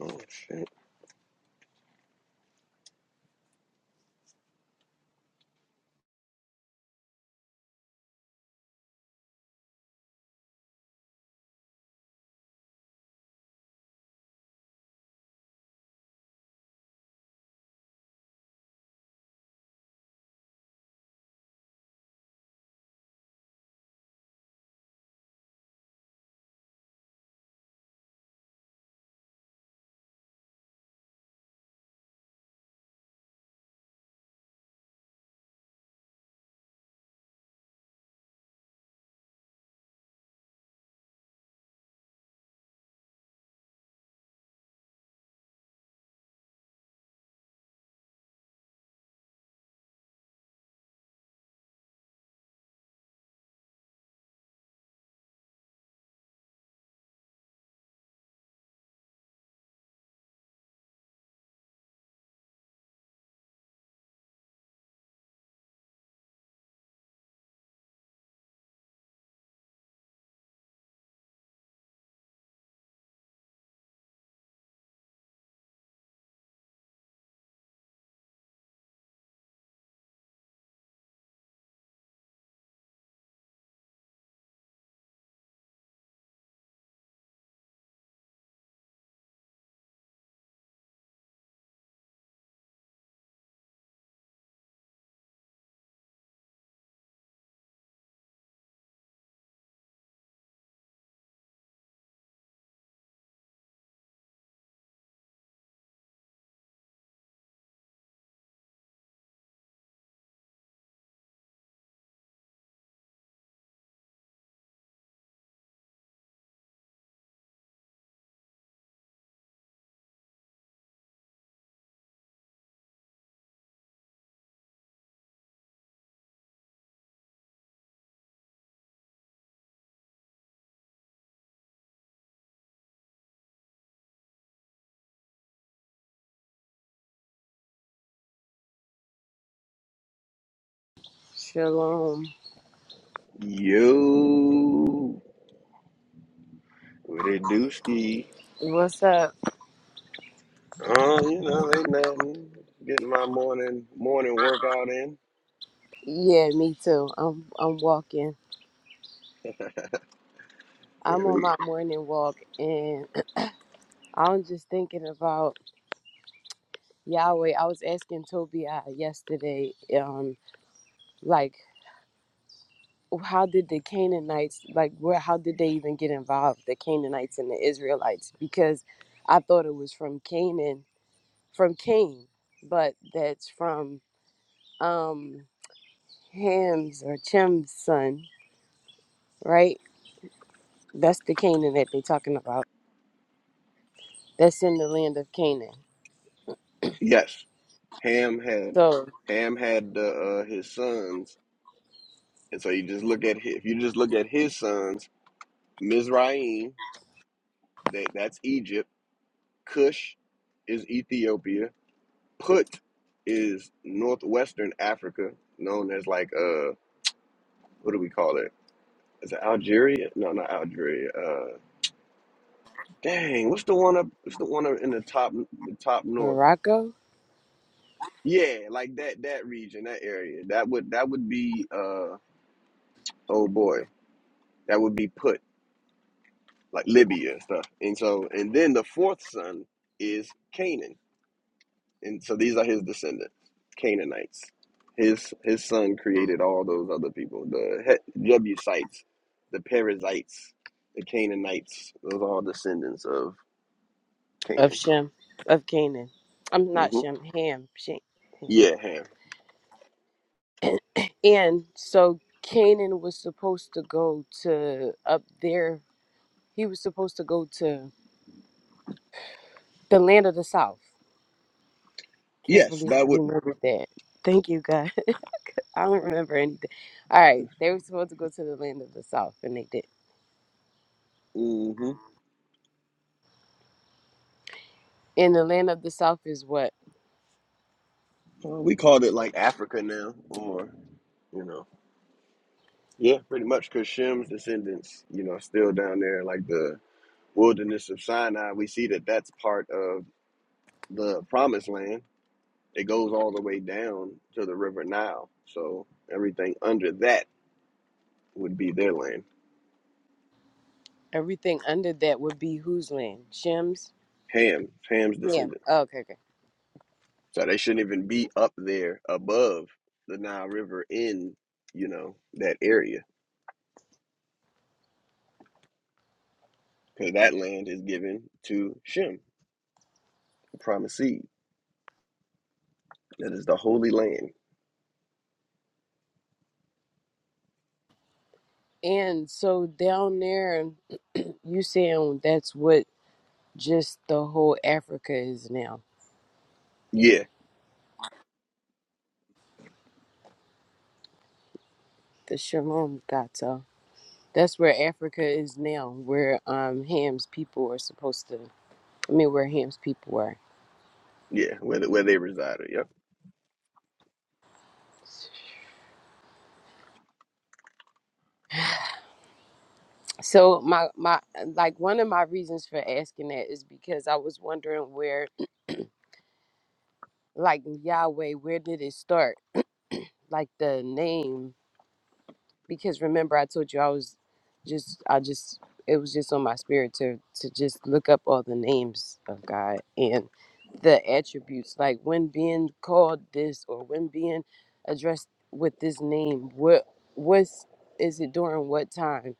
Oh shit. Shalom. Yo, what it do ski? What's up? Oh, you know, ain't nothing. Getting my morning morning workout in. Yeah, me too. I'm I'm walking. I'm There on we- my morning walk and I'm just thinking about Yahweh. I was asking Tobiah yesterday, um, like how did the Canaanites like where how did they even get involved, the Canaanites and the Israelites? Because I thought it was from Canaan from Cain, but that's from um Ham's or Chem's son, right? That's the Canaan that they're talking about. that's in the land of Canaan. Yes, Ham had So Ham had uh, uh, his sons, and so you just look at hi- if you just look at his sons, Mizraim, that that's Egypt. Cush is Ethiopia. Put is northwestern Africa, known as like uh, what do we call it? Is it Algeria? No, not Algeria. Uh, Dang, what's the one up? What's the one up in the top, the top north? Morocco Yeah, like that, that region, that area. That would, that would be, uh, oh boy, that would be put like Libya and stuff. And so, and then the fourth son is Canaan, and so these are his descendants, Canaanites. His his son created all those other people, the Het- Jebusites, the Perizzites, the Canaanites. Those are all descendants of of Canaan. Shem of Canaan. I'm not hmm Shem, Ham, Shem, Ham. Yeah, Ham. And so Canaan was supposed to go to up there. He was supposed to go to the land of the south. Can't Yes, believe that I would. remembered that. Thank you, God. I don't remember anything. All right, they were supposed to go to the land of the south, and they did. mm-hmm. And the land of the south is what Uh, we called it like Africa now, or you know, yeah, pretty much. Because Shem's descendants, you know, are still down there, like the wilderness of Sinai. We see that that's part of the Promised Land. It goes all the way down to the River Nile, so everything under that would be their land. everything under that would be whose land? Shem's. Ham, Ham's Ham. descendants. Oh, okay, okay. So they shouldn't even be up there above the Nile River in, you know, that area, because that land is given to Shem, the promised seed. That is the holy land. And so down there, you saying that's what just the whole Africa is now. Yeah, The Shalom Gata. That's where Africa is now, where um Ham's people are supposed to. I mean, where Ham's people were. yeah, where the, where they resided. Yep. So my my like one of my reasons for asking that is because I was wondering where like Yahweh, where did it start? Like the name. because remember I told you I was just I just it was just on my spirit to to just look up all the names of God and the attributes like when being called this or when being addressed with this name what what's is it during what time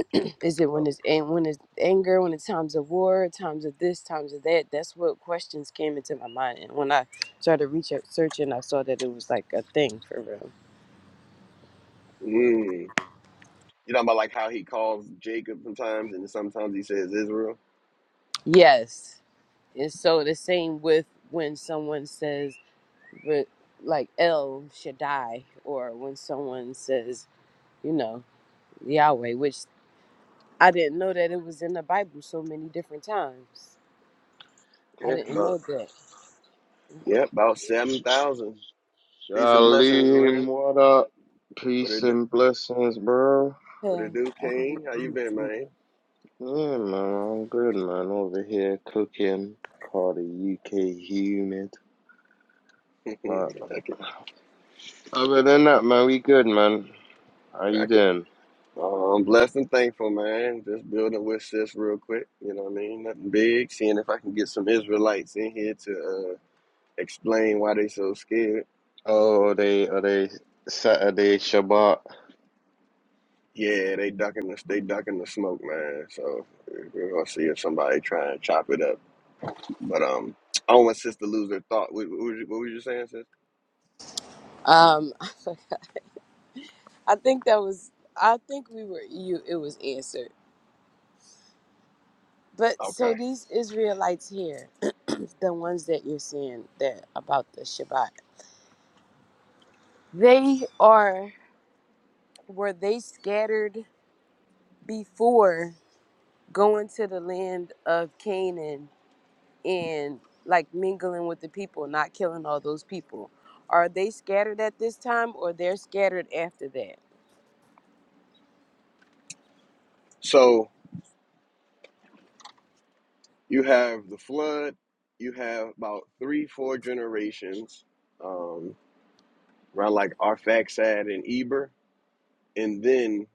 is it when it's and when it's anger when it's times of war times of this times of that that's what questions came into my mind and when I started researching I saw that it was like a thing for real Mm. You know about like how he calls Jacob sometimes, and sometimes he says Israel. yes And so the same with when someone says, re- like El Shaddai, or when someone says, you know, Yahweh, which I didn't know that it was in the Bible so many different times. I Yeah, didn't know about that. yeah, about seven thousand. Peace and blessings, Shalim, Ren. what up? What Peace it do? and blessings, bro. What Yeah. it do, King? How you been, man? Yeah, man, I'm good, man. Over here cooking, called the UK humid. But I can, other than that, man, we good, man. How I you can. doing? I'm blessed and thankful, man. Just building with sis real quick. You know what I mean? Nothing big. Seeing if I can get some Israelites in here to uh, explain why they so scared. Oh, are they, are they Saturday Shabbat? Yeah, they ducking the they ducking the smoke, man. So we're gonna see if somebody try and chop it up. But um, I don't want sis to lose their thought. What, what, was you, what was you saying, sis? Um, I think that was. I think we were. You. It was answered. But so Okay, these Israelites here, the ones that you're seeing that about the Shabbat, they are. Were they scattered before going to the land of Canaan and like mingling with the people, not killing all those people. Are they scattered at this time or they're scattered after that? so you have the flood. You have about three, four generations, um, around like Arphaxad and Eber, and then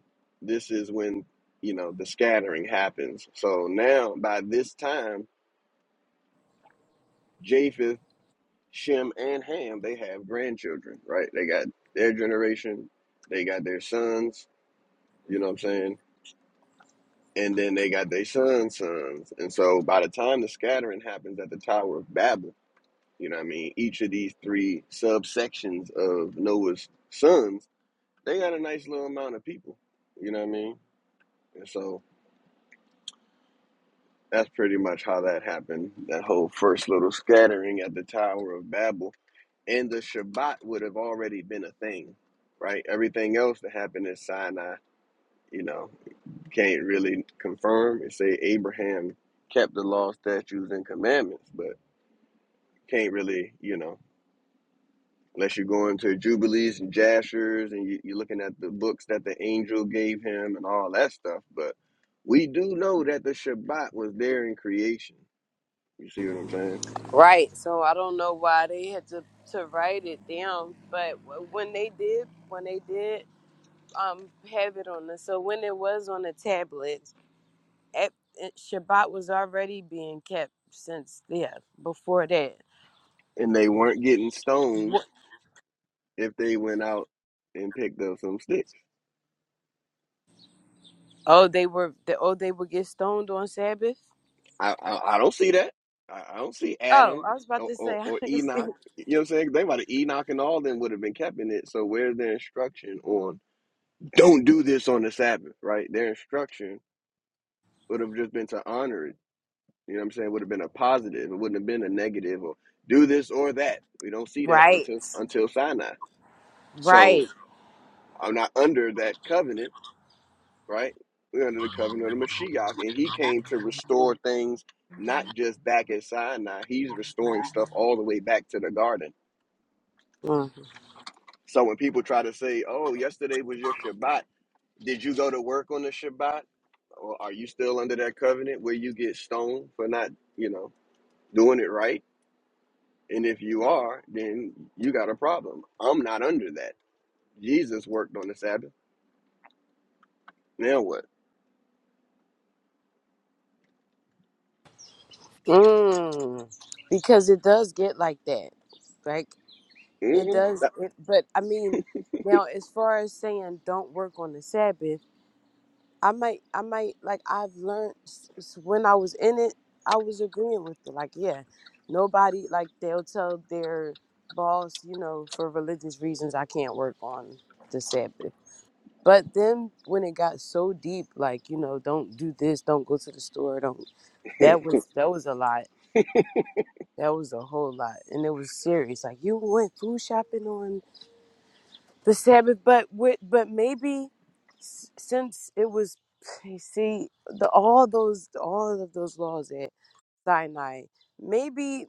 this is when you know the scattering happens. So now by this time, Japheth. Shem and Ham, they have grandchildren, right? They got their generation, they got their sons, you know what I'm saying? And then they got their sons' sons. And so by the time the scattering happens at the Tower of Babel, you know what I mean? Each of these three subsections of Noah's sons, they got a nice little amount of people, you know what I mean? And so that's pretty much how that happened, that whole first little scattering at the Tower of Babel and the Shabbat would have already been a thing, right? Everything else that happened in Sinai, you know, can't really confirm and say Abraham kept the law, statutes, and commandments, but can't really, you know, unless you go into Jubilees and Jashers and you, you're looking at the books that the angel gave him and all that stuff. But we do know that the Shabbat was there in creation. You see what I'm saying? Right. So I don't know why they had to, to write it down, but w- when they did, when they did um have it on the so when it was on the tablets, at, it- Shabbat was already being kept since yeah, before that. And they weren't getting stoned Wh- if they went out and picked up some sticks. Oh, they were the oh they would get stoned on Sabbath? I, I, I don't see that. I, I don't see Oh, Adam I was about or, to or, say, I or didn't see. Enoch. You know what I'm saying? They might have Enoch and all of them would have been keeping it. So where's their instruction on don't do this on the Sabbath, right? Their instruction would have just been to honor it. You know what I'm saying? Would have been a positive. It wouldn't have been a negative or do this or that. We don't see that right, until until Sinai. So right. I'm not under that covenant right? We're under the covenant of the Mashiach, and he came to restore things not just back at Sinai. He's restoring stuff all the way back to the garden. Mm. So when people try to say, "Oh, yesterday was your Shabbat. Did you go to work on the Shabbat? Or are you still under that covenant where you get stoned for not, you know, doing it right? And if you are, then you got a problem. I'm not under that. Jesus worked on the Sabbath. Now what? Mm. Because it does get like that. Like, hmm it does. It, but I mean, now, as far as saying don't work on the Sabbath, I might, I might, like, I've learned s- s- when I was in it, I was agreeing with it. Like, yeah, nobody, like, they'll tell their boss, you know, for religious reasons, I can't work on the Sabbath. But then when it got so deep, like, you know, don't do this, don't go to the store, don't 25, that was that was a lot. That was a whole lot. And it was serious. Like you went food shopping on the Sabbath, but with but maybe s- since it was you see the all those all of those laws at Sinai, maybe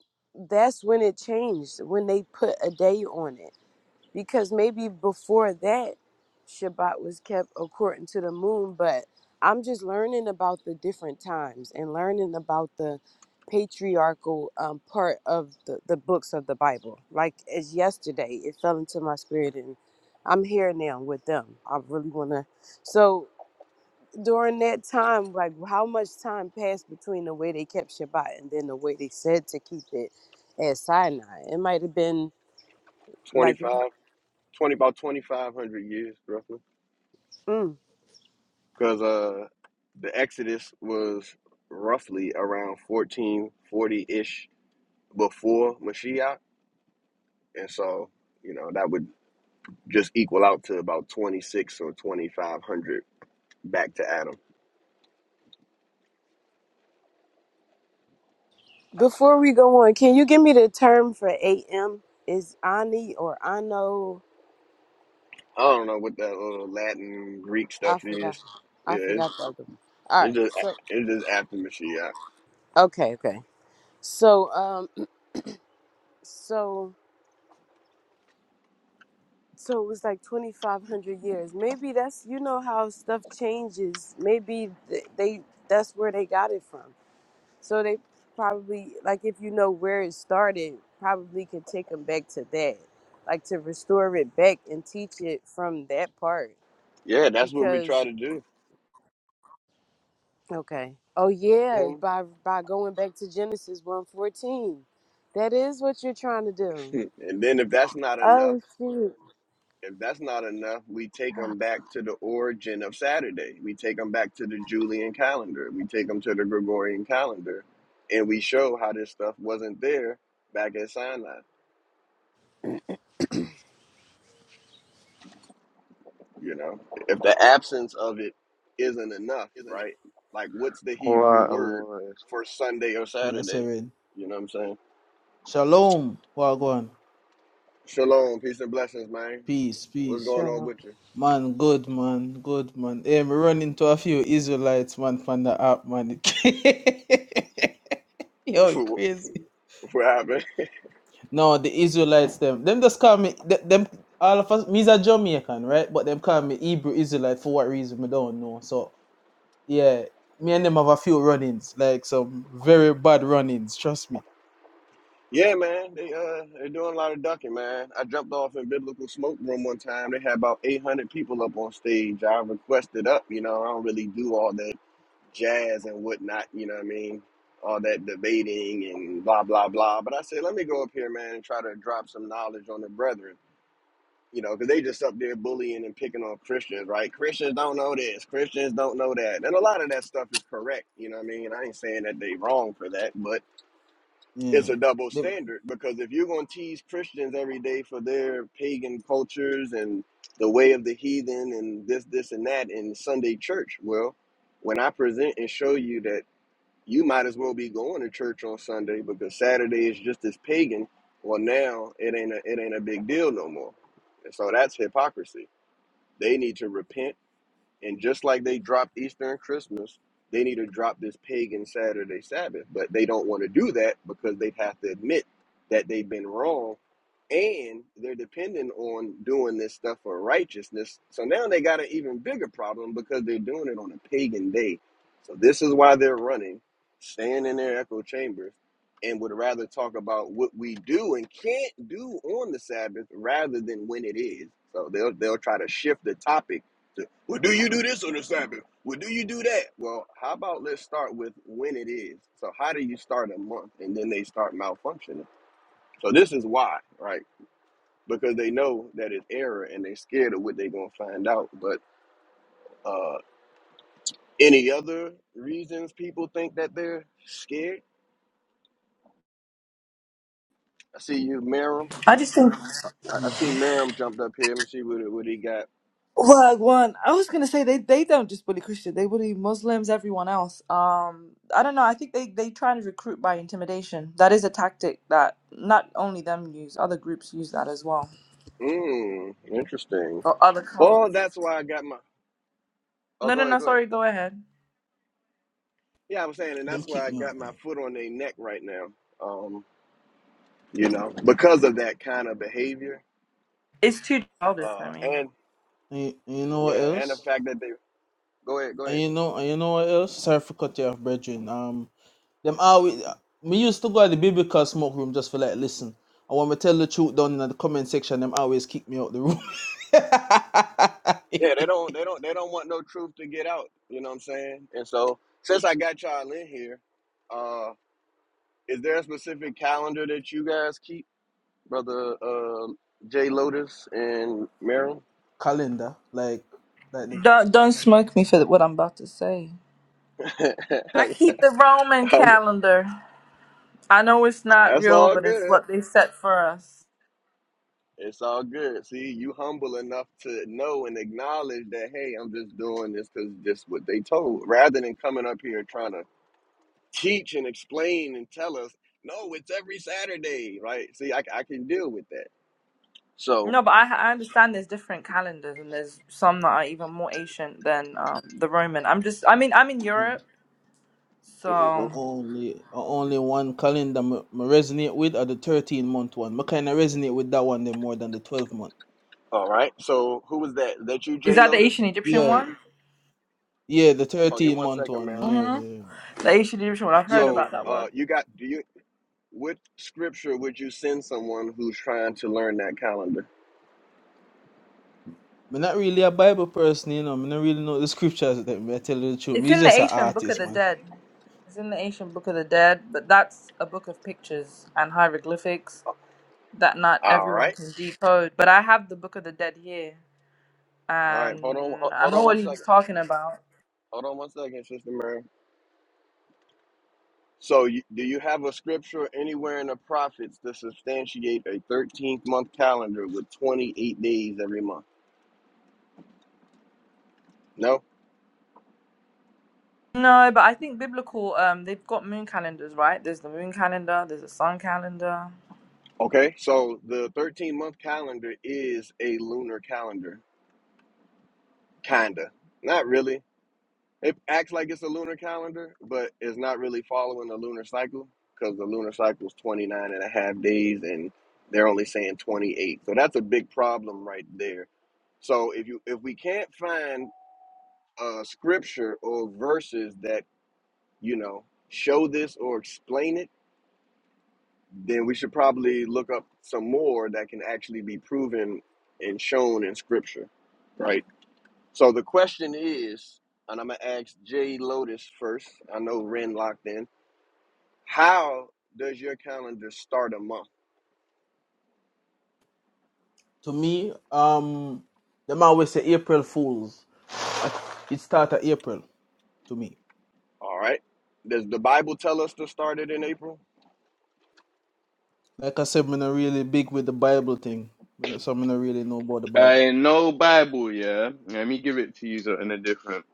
that's when it changed when they put a day on it because maybe before that Shabbat was kept according to the moon, but I'm just learning about the different times and learning about the patriarchal um, part of the, the books of the Bible. Like as yesterday, it fell into my spirit and I'm here now with them. I really want to. So during that time, like how much time passed between the way they kept Shabbat and then the way they said to keep it at Sinai? It might have been like, twenty, about 2,500 years roughly. mm, because uh, the Exodus was roughly around 1440 ish before Mashiach, and so you know that would just equal out to about 26 or 2500 back to Adam. Before we go on, can you give me the term for AM? Is Ani or Ano? I don't know what that little Latin Greek I stuff forgot. is. Yeah, I it's, forgot the other one. All it's right. just So it's just after Mashiach. okay, okay. So um, so so it was like twenty five hundred years. Maybe that's you know how stuff changes. Maybe th- they that's where they got it from. So they probably like if you know where it started, probably could take them back to that, like to restore it back and teach it from that part Yeah, that's what we because try to do. Okay. Oh yeah, by by going back to Genesis one fourteen. That is what you're trying to do. And then if that's not enough. Oh shoot. If that's not enough, we take them back to the origin of Saturday. We take them back to the Julian calendar. We take them to the Gregorian calendar, and we show how this stuff wasn't there back at Sinai. You know, if the absence of it isn't enough, right? Like, what's the Hebrew Alright, I'm word alright. for Sunday or We are Saturday? seven. You know what I'm saying? Shalom. Wagwan. Shalom, peace and blessings, man. Peace, What's peace. going on Shalom. with Man, good man, good man. Hey, we run into a few Israelites, man, from the app, man. Yo, it you? crazy. what happened? No, the Israelites, them, them just call me, th- them, all of us, me's a Jamaican, right? But them call me Hebrew Israelite for what reason, I don't know. So, yeah, me and them have a few run-ins, like some very bad run-ins, trust me. Yeah, man. They uh they're doing a lot of ducking, man. I jumped off in Biblical Smoke Room one time. They had about eight hundred people up on stage. I requested up, you know, I don't really do all that jazz and whatnot, you know what I mean? All that debating and blah blah blah. But I said, let me go up here, man, and try to drop some knowledge on the brethren. You know, because they just up there bullying and picking on Christians, right? Christians don't know this, Christians don't know that. And a lot of that stuff is correct, you know what I mean? I ain't saying that they wrong for that, but it's Yeah. a double Them, standard because if you're going to tease Christians every day for their pagan cultures and the way of the heathen and this, this, and that in Sunday church, well, when I present and show you that you might as well be going to church on Sunday because Saturday is just as pagan, well, now it ain't a, it ain't a big deal no more. And so that's hypocrisy. They need to repent and just like they dropped Easter and Christmas, they need to drop this pagan Saturday Sabbath. But they don't want to do that because they'd have to admit that they've been wrong and they're dependent on doing this stuff for righteousness. So now they got an even bigger problem because they're doing it on a pagan day. So this is why they're running, staying in their echo chambers, and would rather talk about what we do and can't do on the Sabbath rather than when it is. So they'll they'll try to shift the topic to. Well, do you do this on the Sabbath? Well, do you do that? Well, how about let's start with when it is. So, how do you start a month and then they start malfunctioning? So, this is why, right? Because they know that it's error and they're scared of what they're going to find out. But uh, any other reasons people think that they're scared? I see you, Merrim. I just think I, I see hmm Merrim jumped up here. Let me see what, what he got. well, one. I was gonna say they they don't just bully Christians; they bully Muslims, everyone else. Um, I don't know. I think they they try to recruit by intimidation. That is a tactic that not only them use, other groups use that as well, Mmm, interesting. or other Oh, cults. that's why I got my. Oh, No, no, go no. ahead, go ahead. Sorry, go ahead. Yeah, I'm saying, and them that's why keep I me got out. my there. foot on their neck right now. Um, you know, because of that kind of behavior, It's too childish for uh, me. and And you, and you know what yeah, and the else? fact that they go ahead, go And ahead. you know, and you know what else? Sorry for cut you off, brethren. Um, them always me used to go at the biblical smoke room just for like listen. I want me tell the truth down in the comment section. Them always kick me out the room. Yeah, they don't, they don't, they don't want no truth to get out. You know what I'm saying? And so, since I got y'all in here, uh, is there a specific calendar that you guys keep, brother uh, Jay Lotus and Merrill? calendar, like, like the, Don't don't smoke me for what I'm about to say. That's I keep the Roman calendar. I know it's not real, all but it's good. what they set for us. It's all good. See, you humble enough to know and acknowledge that, hey, I'm just doing this because this what they told. Rather than coming up here trying to teach and explain and tell us, no, it's every Saturday, right? See, I, I can deal with that. So, No, but I, I understand there's different calendars and there's some that are even more ancient than um, the Roman. I'm just, I mean, I'm in mm, Europe, I so mhm. only, I only one calendar me, me resonate with are the thirteen month one. Me kind of resonate with that one them more than the twelve month. all right. So, who was that? That you, is Jay that the Lotus? ancient Egyptian Yeah, one? yeah, the Hold on thirteen one month second, one. ma'am. Yeah, hmm yeah, The ancient Egyptian one. I've heard yeah. Yeah, So, about that uh, one. you got do you? What scripture would you send someone who's trying to learn that calendar? I'm not really a Bible person, you know. I don't really know the scriptures. Them, I tell you the truth. It's He's in the just an ancient Book of artist, the man. Dead. It's in the ancient Book of the Dead, but that's a book of pictures and hieroglyphics that not All everyone right, can decode. But I have the Book of the Dead here, all right. Hold on, and ho- I hold know on one what he's second. talking about. Hold on one second, Sister Mary. So, you, do you have a scripture anywhere in the prophets to substantiate a 13th month calendar with 28 days every month? No? No, but I think biblical. Um, they've got moon calendars, right? There's the moon calendar. There's a sun calendar. Okay, so the 13 month calendar is a lunar calendar, kinda. Not really. It acts like it's a lunar calendar, but it's not really following the lunar cycle because the lunar cycle is 29 and a half days and they're only saying 28. So, that's a big problem right there. So if you if we can't find uh, scripture or verses that you know show this or explain it, then we should probably look up some more that can actually be proven and shown in scripture, right? So the question is, and I'm gonna ask Jay Lotus first. I know Ren locked in. How does your calendar start a month? To me, um, them always say April Fools. Like, It started April to me. All right. Does the Bible tell us to start it in April? Like I said, I'm not really big with the Bible thing, you know, so I'm not really know about the Bible. I no Bible, yeah. Let me give it to you so- in a different.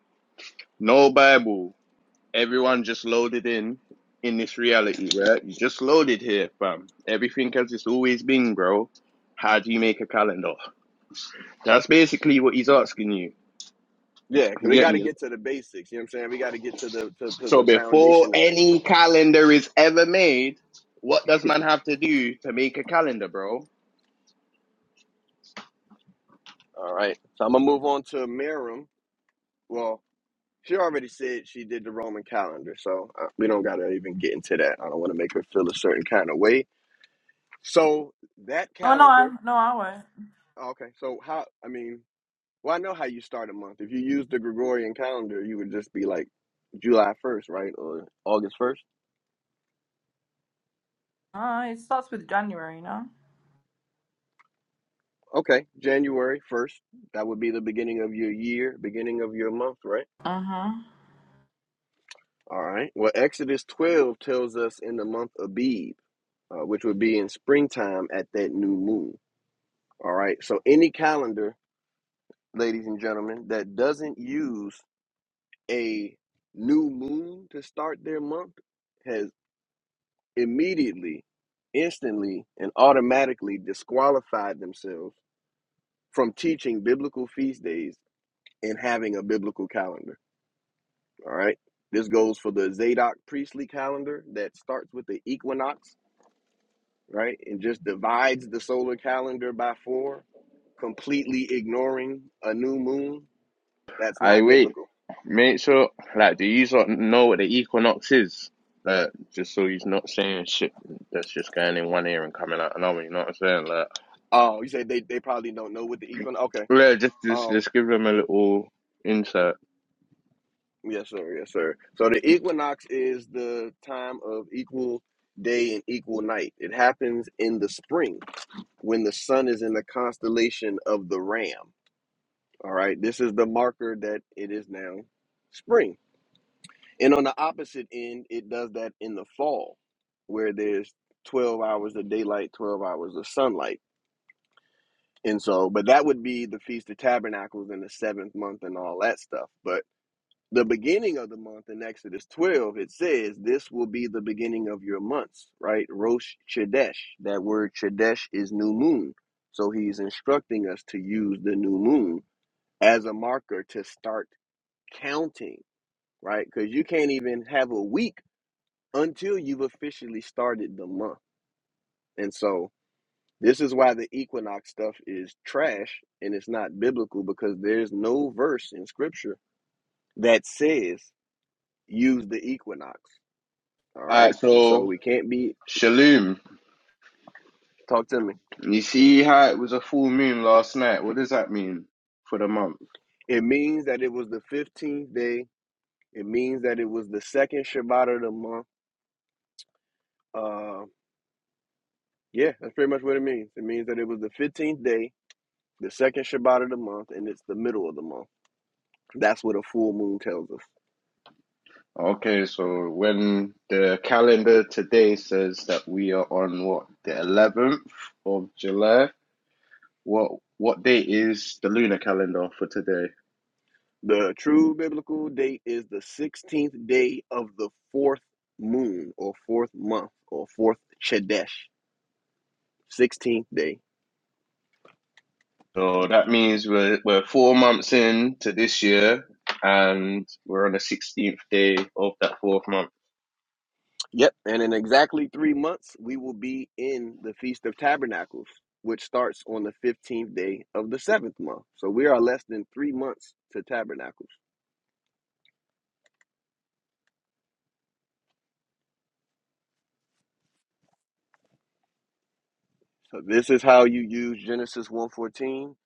No Bible. Everyone just loaded in in this reality, right? You just loaded here, fam. Everything as it's always been, bro. How do you make a calendar? That's basically what he's asking you. Yeah, because You we get got to me? get to the basics. You know what I'm saying? We got to get to the to, to So the before foundation of things. any calendar is ever made, what does man have to do to make a calendar, bro? All right. So I'm gonna move on to Miriam. Well, she already said she did the Roman calendar, so uh, we don't gotta even get into that. I don't want to make her feel a certain kind of way. So that Oh no, I- calendar. no, I won't. Okay. So how? I mean, well, I know how you start a month. If you use the Gregorian calendar, you would just be like July 1st, right, or August 1st. Uh, it starts with January, no. Okay, January 1st. That would be the beginning of your year, beginning of your month, right? Mm-hmm. All right. Well, Exodus 12 tells us in the month of Abib. uh, which would be in springtime at that new moon. All right. So any calendar, ladies and gentlemen, that doesn't use a new moon to start their month has immediately, instantly, and automatically disqualified themselves from teaching biblical feast days and having a biblical calendar. All right. This goes for the Zadok priestly calendar that starts with the equinox, right? And just divides the solar calendar by four completely ignoring a new moon, that's I not wait. biblical. Make sure, like, do you sort of know what the equinox is? Like, just so he's not saying shit that's just going in one ear and coming out another. You know what I'm saying? like? Oh, you say they, they probably don't know what the equinox. Okay. Yeah, just, just Um. just give them a little insight. Yes, sir. Yes, sir. So the equinox is the time of equal day and equal night. It happens in the spring when the sun is in the constellation of the Ram. All right. This is the marker that it is now spring. And on the opposite end, it does that in the fall, where there's 12 hours of daylight, 12 hours of sunlight And so, but that would be the Feast of Tabernacles in the seventh month and all that stuff. But the beginning of the month in Exodus 12, it says, This will be the beginning of your months, right? Rosh Chodesh. That word Chodesh is new moon. So he's instructing us to use the new moon as a marker to start counting, right? Because you can't even have a week until you've officially started the month. And so, This is why the equinox stuff is trash and it's not biblical because there's no verse in scripture that says use the equinox. All Alright, right. And so so we can't be, Shalom. talk to me. You see how it was a full moon last night? What does that mean for the month? It means that it was the 15th day. It means that it was the second Shabbat of the month. Uh, yeah, that's pretty much what it means. It means that it was the 15th day, the second Shabbat of the month, and it's the middle of the month. That's what a full moon tells us. Okay, so when the calendar today says that we are on what, the eleventh of July, what what day is the lunar calendar for today? The true biblical date is the 16th day of the fourth moon or fourth month or fourth Chodesh. 16th day. So that means we're we're four months in to this year and we're on the sixteenth day of that fourth month. Yep. And in exactly three months, we will be in the Feast of Tabernacles, which starts on the 15th day of the seventh month. So we are less than three months to Tabernacles. So this is how you use Genesis one fourteen,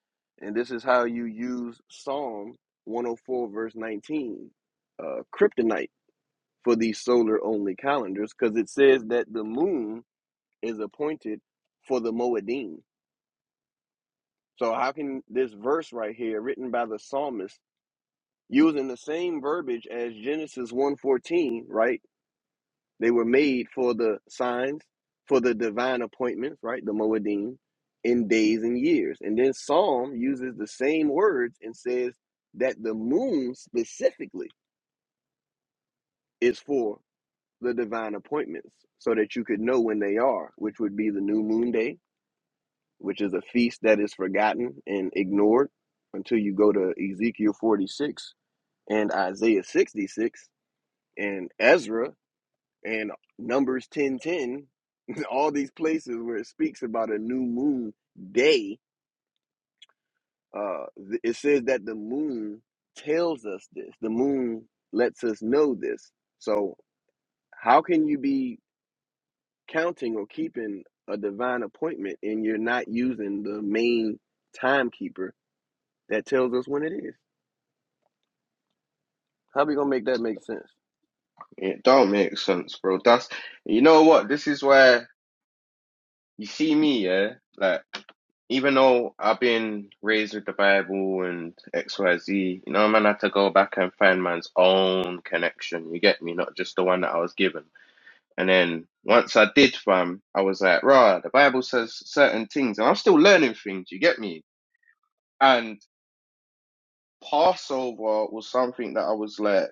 and this is how you use Psalm 104, verse 19, uh, kryptonite for these solar only calendars because it says that the moon is appointed for the Moedim. So, how can this verse right here, written by the psalmist, using the same verbiage as Genesis one fourteen, right? They were made for the signs, for the divine appointments, right? The Moedim in days and years. And then Psalm uses the same words and says that the moon specifically is for the divine appointments so that you could know when they are, which would be the new moon day, which is a feast that is forgotten and ignored until you go to Ezekiel 46 and Isaiah 66 and Ezra and Numbers 10:10, all these places where it speaks about a new moon day, uh, it says that the moon tells us this. The moon lets us know this. So how can you be counting or keeping a divine appointment and you're not using the main timekeeper that tells us when it is. How are we gonna make that make sense? It don't make sense, bro. That's you know what? This is where you see me, yeah. Like even though I've been raised with the Bible and X, Y, Z, you know, man, I had to go back and find man's own connection. You get me? Not just the one that I was given. And then once I did, fam, I was like, rah, the Bible says certain things, and I'm still learning things. You get me? And Passover was something that I was like,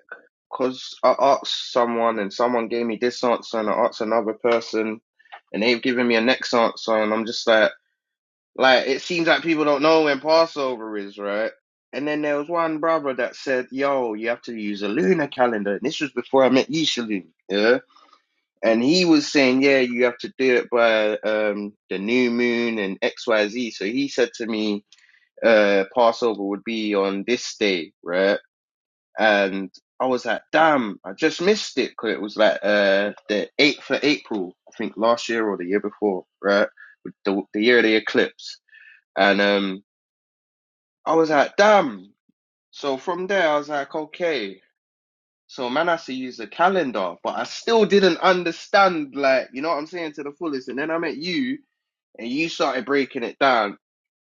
because I asked someone and someone gave me this answer, and I asked another person and they've given me a next answer, and I'm just like, like it seems like people don't know when Passover is, right? And then there was one brother that said, "Yo, you have to use a lunar calendar." And this was before I met Yishalom, yeah. And he was saying, "Yeah, you have to do it by um, the new moon and X, Y, Z." So he said to me, uh, "Passover would be on this day, right?" and I was like, damn, I just missed it. Cause it was like uh, the 8th of April, I think last year or the year before, right? With The, the year of the eclipse. And um, I was like, damn. So from there, I was like, okay. So man, I had to use the calendar, but I still didn't understand, like, you know what I'm saying to the fullest. And then I met you, and you started breaking it down,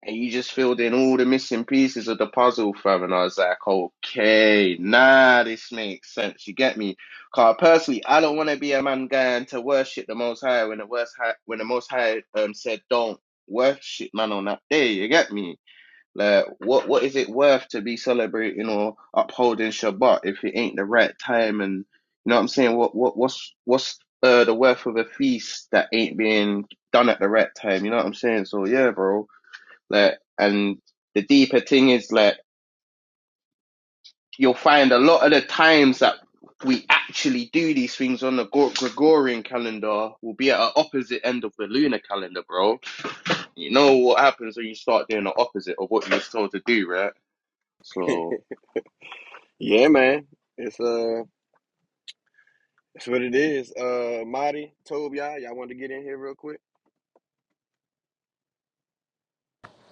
and you just filled in all the missing pieces of the puzzle, fam. And I was like, okay, nah, this makes sense. You get me? Cause personally, I don't want to be a man going to worship the Most High when the worst high, when the Most High um said don't worship man on that day. You get me? Like, what what is it worth to be celebrating or upholding Shabbat if it ain't the right time? And you know what I'm saying? What what what's what's uh, the worth of a feast that ain't being done at the right time? You know what I'm saying? So yeah, bro. Like, and the deeper thing is like you'll find a lot of the times that we actually do these things on the Gregorian calendar will be at an opposite end of the lunar calendar, bro. You know what happens when you start doing the opposite of what you're told to do, right? So. Yeah, man. It's uh it's what it is. Uh Marty, Tobe, y'all, y'all want to get in here real quick?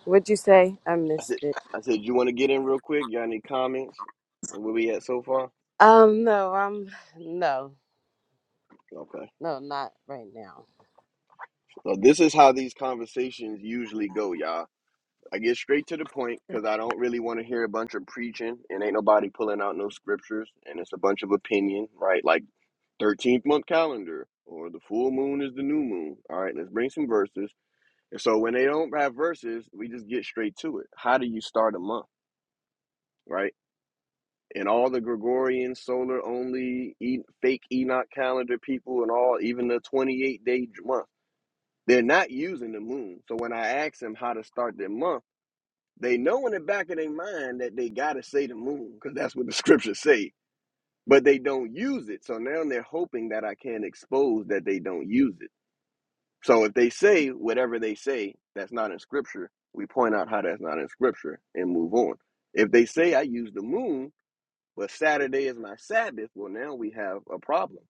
What'd you say? I I said missed it. I said you wanna get in real quick? Y'all need comments on where we at so far? Um no, I'm no. Okay. No, not right now. So this is how these conversations usually go, y'all. I get straight to the point because I don't really want to hear a bunch of preaching and ain't nobody pulling out no scriptures and it's a bunch of opinion, right? Like 13th month calendar or the full moon is the new moon. All right, let's bring some verses. And so when they don't have verses, we just get straight to it. How do you start a month, right? And all the Gregorian solar only e- fake Enoch calendar people and all, even the 28 day month, they're not using the moon. So when I ask them how to start their month, They know in the back of their mind that they gotta say the moon, because that's what the scriptures say. But they don't use it. So now they're hoping that I can't expose that they don't use it. So if they say whatever they say that's not in scripture, we point out how that's not in scripture and move on. If they say I use the moon, but Saturday is my Sabbath, well now we have a problem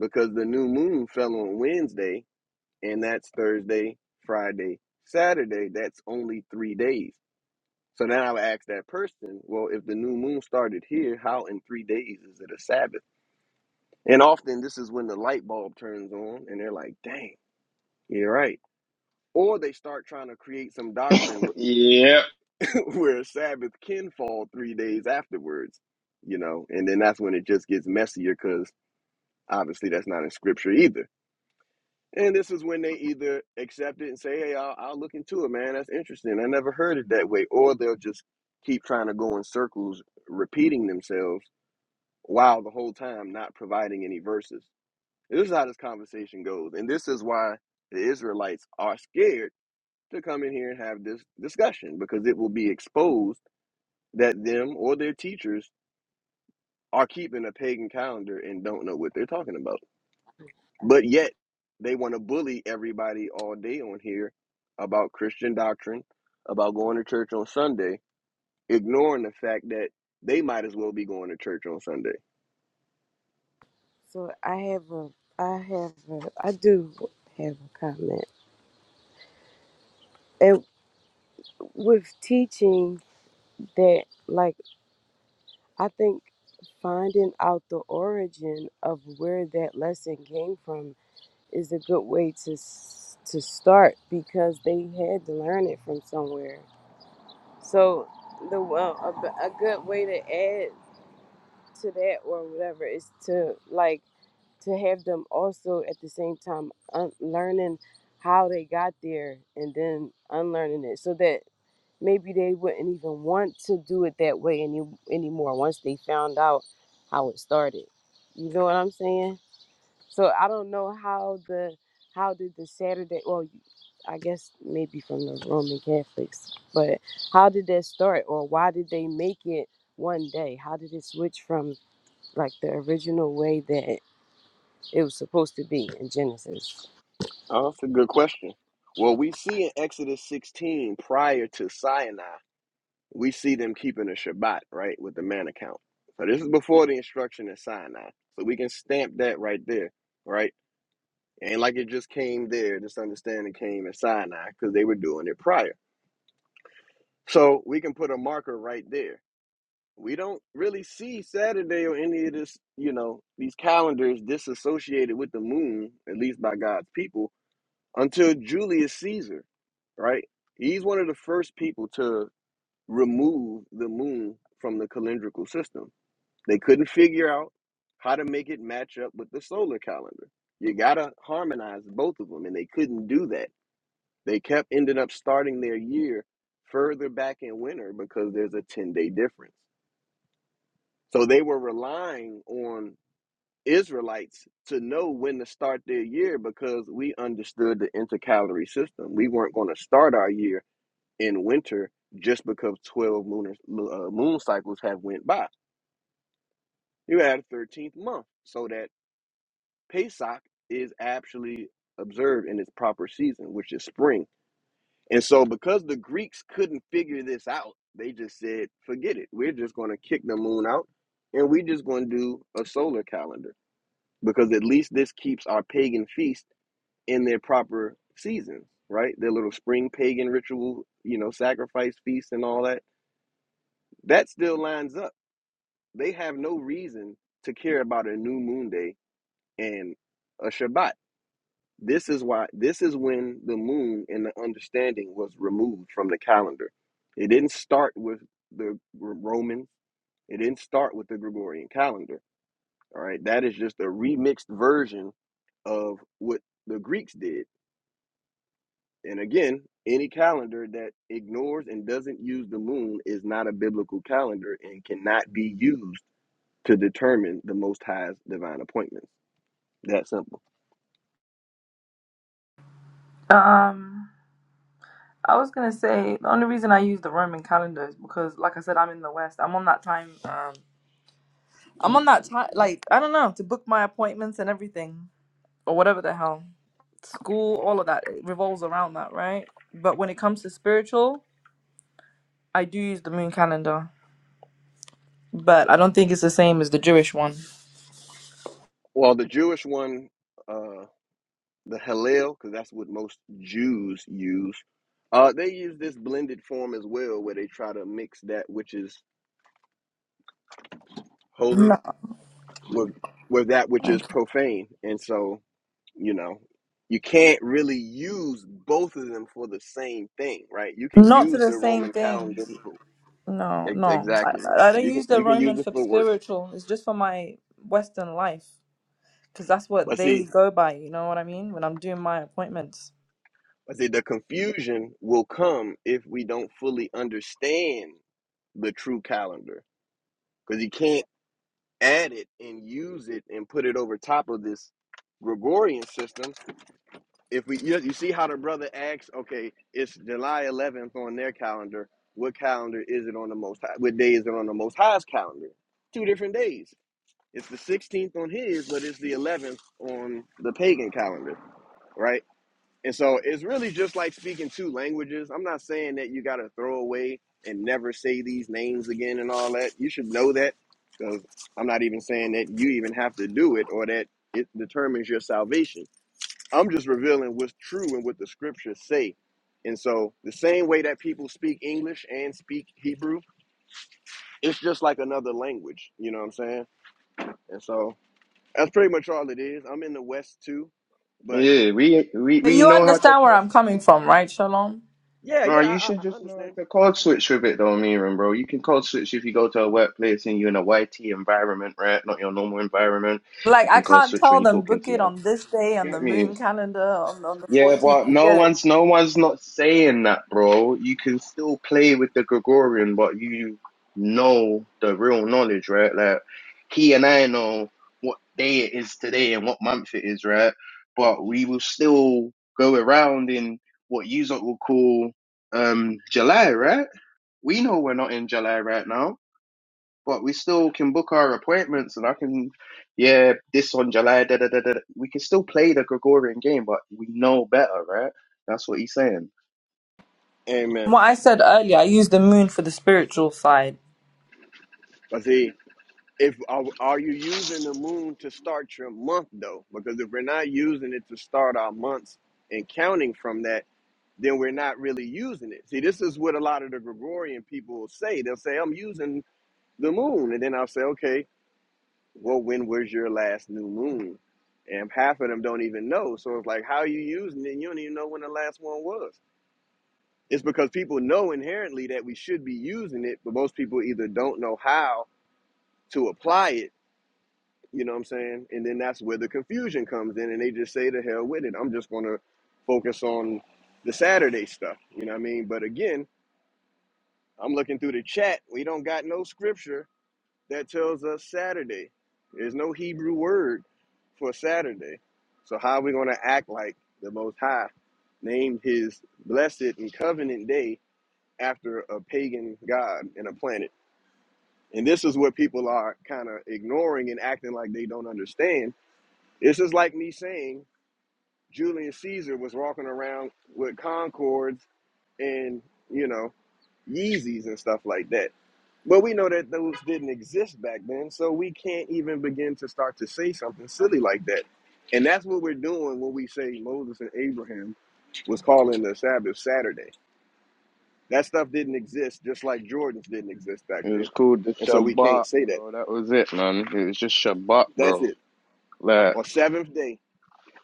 because the new moon fell on Wednesday, and that's Thursday, Friday, Saturday. That's only three days. So now I would ask that person, well, if the new moon started here, how in three days is it a Sabbath? And often this is when the light bulb turns on and they're like, dang, you're right. Or they start trying to create some doctrine where, Yeah, where Sabbath can fall three days afterwards, you know, and then that's when it just gets messier because obviously that's not in scripture either. And this is when they either accept it and say, hey, I'll, I'll look into it, man. That's interesting. I never heard it that way. Or they'll just keep trying to go in circles, repeating themselves while the whole time not providing any verses. This is how this conversation goes. And this is why the Israelites are scared to come in here and have this discussion because it will be exposed that them or their teachers are keeping a pagan calendar and don't know what they're talking about. Uh, But yet they want to bully everybody all day on here about Christian doctrine, about going to church on Sunday, ignoring the fact that they might as well be going to church on Sunday. So I have a I have a I do have a comment. And with teaching that like I think finding out the origin of where that lesson came from is a good way to s- to start because they had to learn it from somewhere. So the well, a, b- a good way to add to that or whatever is to like to have them also at the same time un- learning how they got there and then unlearning it so that maybe they wouldn't even want to do it that way any anymore once they found out how it started. You know what I'm saying? So I don't know how the how did the Saturday well I guess maybe from the Roman Catholics, but how did that start or why did they make it one day? How did it switch from like the original way that it was supposed to be in Genesis? Oh, that's a good question. Well, we see in Exodus 16, prior to Sinai, we see them keeping a Shabbat, right, with the man account. So this is before the instruction in Sinai. So we can stamp that right there, right? Ain't like it just came there, this understanding came in Sinai because they were doing it prior. So we can put a marker right there. We don't really see Saturday or any of this, you know, these calendars disassociated with the moon, at least by God's people until Julius Caesar, right? He's one of the first people to remove the moon from the calendrical system. They couldn't figure out how to make it match up with the solar calendar. You got to harmonize both of them, and they couldn't do that. They kept ending up starting their year further back in winter because there's a 10 day difference. So they were relying on Israelites to know when to start their year because we understood the intercalary system. We weren't going to start our year in winter just because 12 lunar, uh, moon cycles have went by. You had a 13th month so that Pesach is actually observed in its proper season, which is spring. And so because the Greeks couldn't figure this out, they just said, forget it. We're just going to kick the moon out and we're just going to do a solar calendar because at least this keeps our pagan feast in their proper seasons, right? Their little spring pagan ritual, you know, sacrifice feasts and all that. That still lines up. They have no reason to care about a new moon day and a Shabbat. This is why this is when the moon and the understanding was removed from the calendar. It didn't start with the R- Romans. It didn't start with the Gregorian calendar. All right. That is just a remixed version of what the Greeks did And again, any calendar that ignores and doesn't use the moon is not a biblical calendar and cannot be used to determine the Most High's divine appointments. That simple. Um, I was gonna say the only reason I use the Roman calendar is because, like I said, I'm in the West. I'm on that time. Um, I'm on that time. Like I don't know to book my appointments and everything or whatever the hell, school, all of that it revolves around that, right? But when it comes to spiritual, I do use the moon calendar. but I don't think it's the same as the Jewish one. Well, the Jewish one, uh, the Hallel, because that's what most Jews use, uh, they use this blended form as well, where they try to mix that which is holy No, with with that which is profane, and so you know you can't really use both of them for the same thing right you can not to use the the same roman thing. calendar for No, ex- no. I, exactly I don't you can use the you can Roman use it for for work spiritual. It's just for my Western life because that's what but they see go by. You know what I mean? When I'm doing my appointments. but see the confusion will come if we don't fully understand the true calendar because you can't add it and use it and put it over top of this gregorian system if we you, you see how the brother asks, okay, it's July 11th on their calendar. What calendar is it on the most high? What day is it on the most high's calendar? Two different days. It's the 16th on his, but it's the 11th on the pagan calendar, right? And so it's really just like speaking two languages. I'm not saying that you got to throw away and never say these names again and all that. You should know that because I'm not even saying that you even have to do it or that it determines your salvation I'm just revealing what's true and what the scriptures say. And so, the same way that people speak English and speak Hebrew, it's just like another language. You know what I'm saying? And so, that's pretty much all it is. I'm in the West too, but yeah, we we But we you know how to understand where code. I'm coming from, right, Shalom? yeah, No, yeah, you I, I should I just know understand. how to code switch with it, though, Miran, bro. You can code switch if you go to a workplace and you're in a YT environment, right? Not your normal environment. Like You I can code can't switch when tell you're them talking book to it your. on this day You on the get me? moon calendar on on the Yeah, 14th. but You no get it? one's no one's not saying that, bro. You can still play with the Gregorian, but you know the real knowledge, right? Like he and I know what day it is today and what month it is, right? But we will still go around in what you lot will call um July, right? We know we're not in July right now but we still can book our appointments and I can, yeah, this on July, da da da da. da. We can still play the Gregorian game, but we know better, right? That's what he's saying. Amen. What I said earlier, I use the moon for the spiritual side. But see, if are, are you using the moon to start your month though? Because if we're not using it to start our months and counting from that, then we're not really using it. See, this is what a lot of the Gregorian people will say. They'll say, "I'm using the moon. And then I'll say, okay, well, when was your last new moon? And half of them don't even know. So it's like, how are you using it? And you don't even know when the last one was. It's because people know inherently that we should be using it, but most people either don't know how to apply it, you know what I'm saying? And then that's where the confusion comes in, and they just say, "To hell with it. I'm just going to focus on the Saturday stuff, you know what I mean? But again, I'm looking through the chat. We don't got no scripture that tells us Saturday. There's no Hebrew word for Saturday. So how are we going to act like the Most High named his blessed and covenant day after a pagan god and a planet? And this is what people are kind of ignoring and acting like they don't understand. This is like me saying Julius Caesar was walking around with concords and, you know, Yeezys and stuff like that. But we know that those didn't exist back then, so we can't even begin to start to say something silly like that. And that's what we're doing when we say Moses and Abraham was calling the Sabbath Saturday. That stuff didn't exist, just like Jordan's didn't exist back It was then. called the And so we Shabbat, can't say that. bro. That was it, man. It was just Shabbat, That's bro. it. Like, Or seventh day.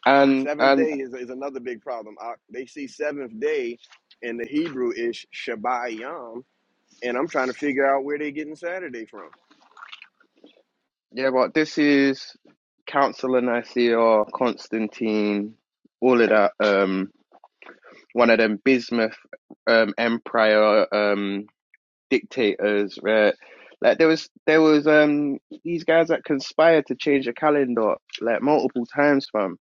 and Seventh and day is, is another big problem. I, they see seventh day in the Hebrew is Shabbat Yom, and I'm trying to figure out where they're getting Saturday from. yeah, but this is Council of Nicaea, Constantine, all of that. Um, one of them Bismuth, um, Empire. Um. dictators, right? Like there was there was um these guys that conspired to change the calendar like multiple times, fam.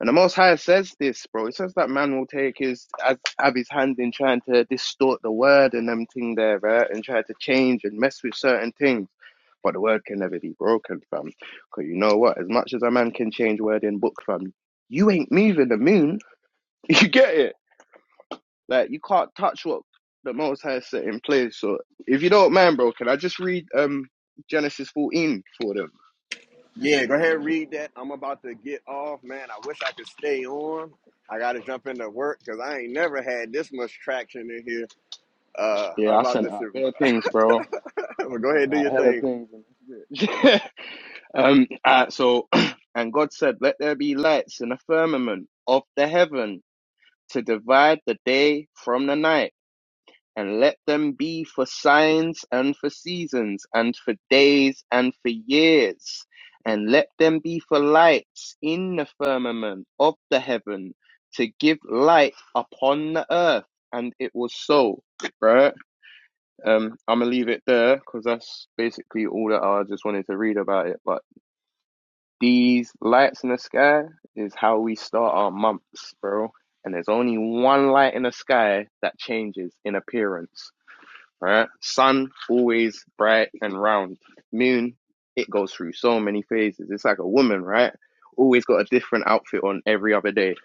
And the Most High says this, bro. It says that man will take his ab- Abby's hand in trying to distort the word and them thing there, right? And try to change and mess with certain things. But the word can never be broken, fam. Cause you know what? As much as a man can change word in book, fam, you ain't moving the moon. You get it? Like you can't touch what the Most High set in place. So if you don't mind, bro, can I just read um Genesis 14 for them? Yeah, go ahead and read that. I'm about to get off, man. I wish I could stay on. I got to jump into work because I ain't never had this much traction in here uh, Yeah, I about sent this. shit. out bare things, bro. I But go ahead sent and do out your hella thing. things. And that's it. um, alright, so and God said, "Let there be lights in the firmament of the heaven to divide the day from the night." and let them be for signs and for seasons and for days and for years, and let them be for lights in the firmament of the heaven to give light upon the earth. And it was so, right? Um, I'm gonna leave it there because that's basically all that I just wanted to read about it. But these lights in the sky is how we start our months, bro. And there's only one light in the sky that changes in appearance right? Sun, always bright and round. Moon, it goes through so many phases. It's like a woman, right? Always got a different outfit on every other day.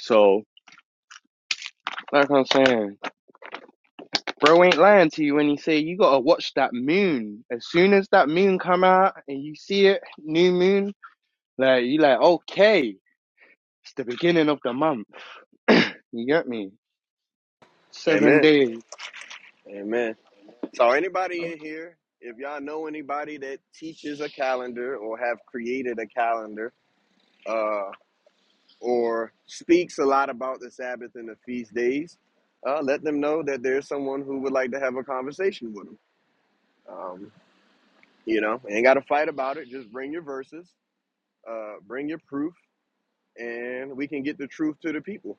So, like I'm saying, bro ain't lying to you when he say you gotta watch that moon. As soon as that moon come out and you see it, new moon, like you like, okay, it's the beginning of the month. you get me? Seven Amen. days. Amen. So, anybody in here, if y'all know anybody that teaches a calendar or have created a calendar uh, or speaks a lot about the Sabbath and the feast days, uh, let them know that there's someone who would like to have a conversation with them. You know, ain't got to fight about it. Just bring your verses, uh, bring your proof, and we can get the truth to the people.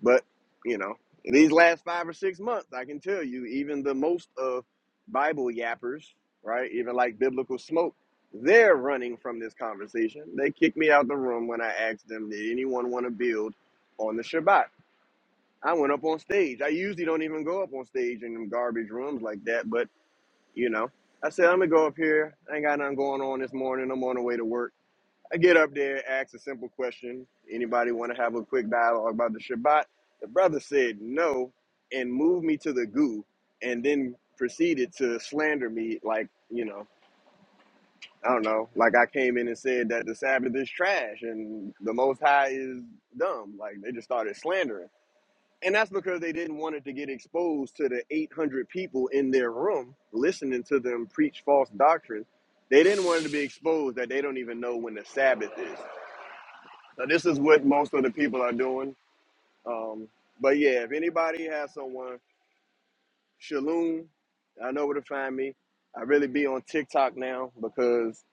But, you know, in these last five or six months, I can tell you, even the most of Bible yappers, right, even like Biblical Smoke, they're running from this conversation. They kicked me out the room when I asked them, did anyone want to build on the Shabbat? I went up on stage. I usually don't even go up on stage in them garbage rooms like that, but you know, I said, I'm gonna go up here. I ain't got nothing going on this morning. I'm on the way to work. I get up there, ask a simple question. Anybody want to have a quick dialogue about the Shabbat? The brother said no and moved me to the goo and then proceeded to slander me like, you know, I don't know, like I came in and said that the Sabbath is trash and the Most High is dumb. Like they just started slandering. And that's because they didn't want it to get exposed to the 800 people in their room listening to them preach false doctrine. They didn't want it to be exposed that they don't even know when the Sabbath is. So this is what most of the people are doing. Um, but yeah, if anybody has someone, Shalom, I know where to find me. I really be on TikTok now because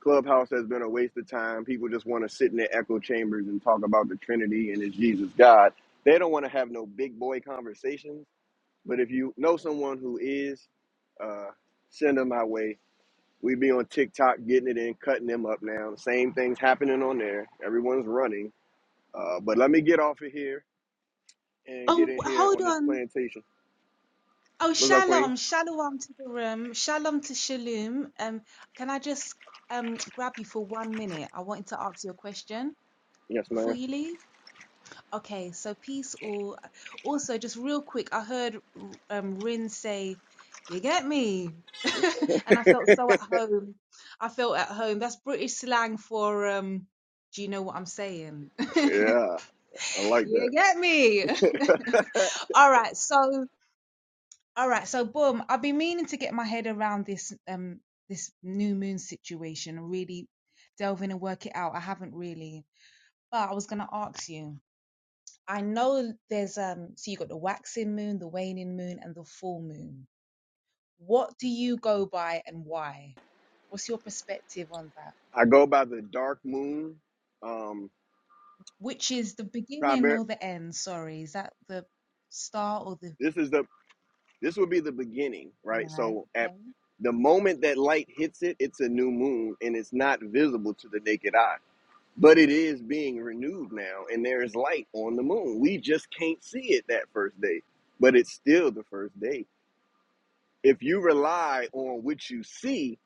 Clubhouse has been a waste of time. People just want to sit in their echo chambers and talk about the Trinity and is Jesus God. They don't want to have no big boy conversations but if you know someone who is, uh, send them my way. We be on TikTok getting it in, cutting them up now. Same things happening on there. Everyone's running. Uh, but let me get off of here and Oh, get in w- here hold on this on. plantation. Oh, What's up, Queen? shalom, shalom to the room, shalom to Shalom. Um, can I just um grab you for one minute? I wanted to ask you a question Yes, before ma'am. you leave. Okay, so peace all. Also, just real quick, I heard um Rin say, "You get me," and I felt so at home. I felt at home. That's British slang for um. Do you know what I'm saying? Yeah, I like you that. get me. all right, so. All right, so boom, I've been meaning to get my head around this um this new moon situation and really delve in and work it out. I haven't really, but I was gonna ask you. I know there's um so you got the waxing moon, the waning moon, and the full moon. What do you go by and why? What's your perspective on that? I go by the dark moon. Um, Which is the beginning or primar- the end? Sorry, is that the start or the this is the this would be the beginning, right? right? So at Okay, the moment that light hits it, it's a new moon and it's not visible to the naked eye but it is being renewed now and there is light on the moon we just can't see it that first day but it's still the first day if you rely on what you see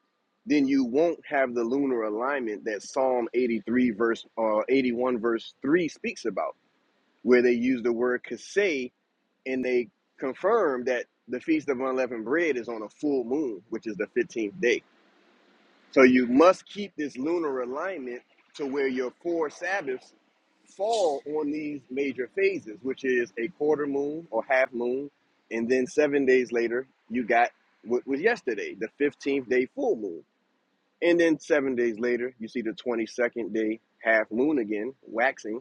then you won't have the lunar alignment that psalm 83 verse uh, 81 verse 3 speaks about where they use the word kaseh and they confirm that the feast of unleavened bread is on a full moon which is the 15th day so you must keep this lunar alignment to where your four Sabbaths fall on these major phases, which is a quarter moon or half moon, and then seven days later you got what was yesterday, the 15th day full moon. And then seven days later, you see the 22nd day half moon again, waxing.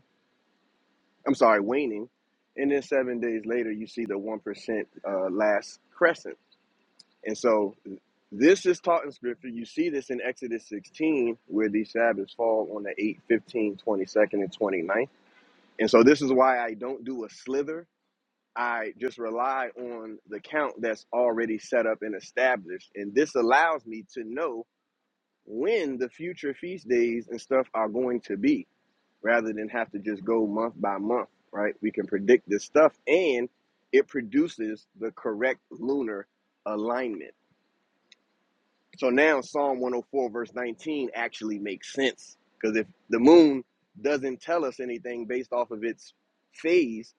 I'm sorry, waning. And then seven days later, you see the 1% uh, last crescent. And so this is taught in scripture. You see this in Exodus 16, where these Sabbaths fall on the 8th, 15th, 22nd, and 29th. And so this is why I don't do a slither. I just rely on the count that's already set up and established. And this allows me to know when the future feast days and stuff are going to be rather than have to just go month by month, right? We can predict this stuff and it produces the correct lunar alignment So now Psalm 104, verse 19, actually makes sense. Because if the moon doesn't tell us anything based off of its phase,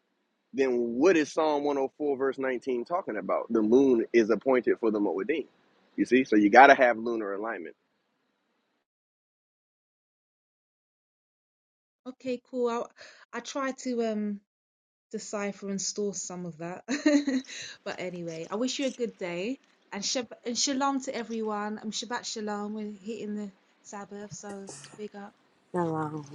then what is Psalm 104, verse 19 talking about? The moon is appointed for the Moedim. You see? So you got to have lunar alignment. okay, cool. I I try to um. decipher and store some of that. but anyway, I wish you a good day and, shab- and shalom to everyone. I'm Shabbat shalom. We're hitting the Sabbath, so big up. Hello.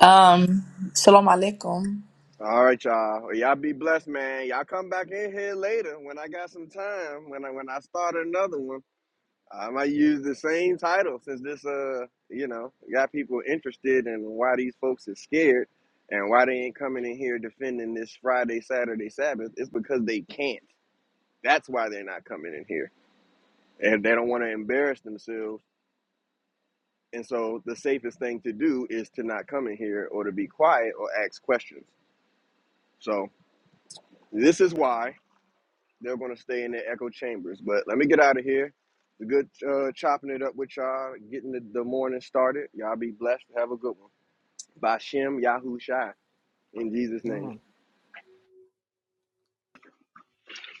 Um, salam alaikum. All right, y'all. Well, y'all be blessed, man. Y'all come back in here later when I got some time, when I, when I start another one. I might use the same title since this, uh, you know, got people interested in why these folks is scared and why they ain't coming in here defending this Friday, Saturday, Sabbath. It's because they can't. That's why they're not coming in here, and they don't want to embarrass themselves. And so the safest thing to do is to not come in here or to be quiet or ask questions. So this is why they're going to stay in their echo chambers. But let me get out of here. It's good uh, chopping it up with y'all, getting the, the morning started. Y'all be blessed. Have a good one. By Shem Yahushai, in Jesus' Yeah, name. man.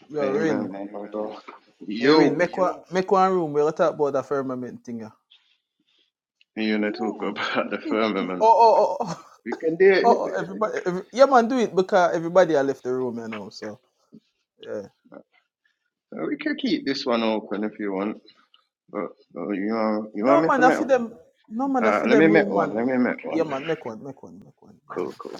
Yo, Rin, Amen, my brother. hey Rin, Yo, make one, make one room. We're to talk about the firmament thing. Yeah. you want to Yeah. talk about the firmament? Oh, oh, oh, oh, We can do oh, oh, everybody, every, yeah, man, do it because everybody I left the room, you know. So yeah. uh, we can keep this one open if you want. But uh, you want you No want me to man, I make feed them. No man, I uh, feed let me them make room man. one, let me make Yeah one. man, make one, make one, make one. Yeah man. Cool, cool.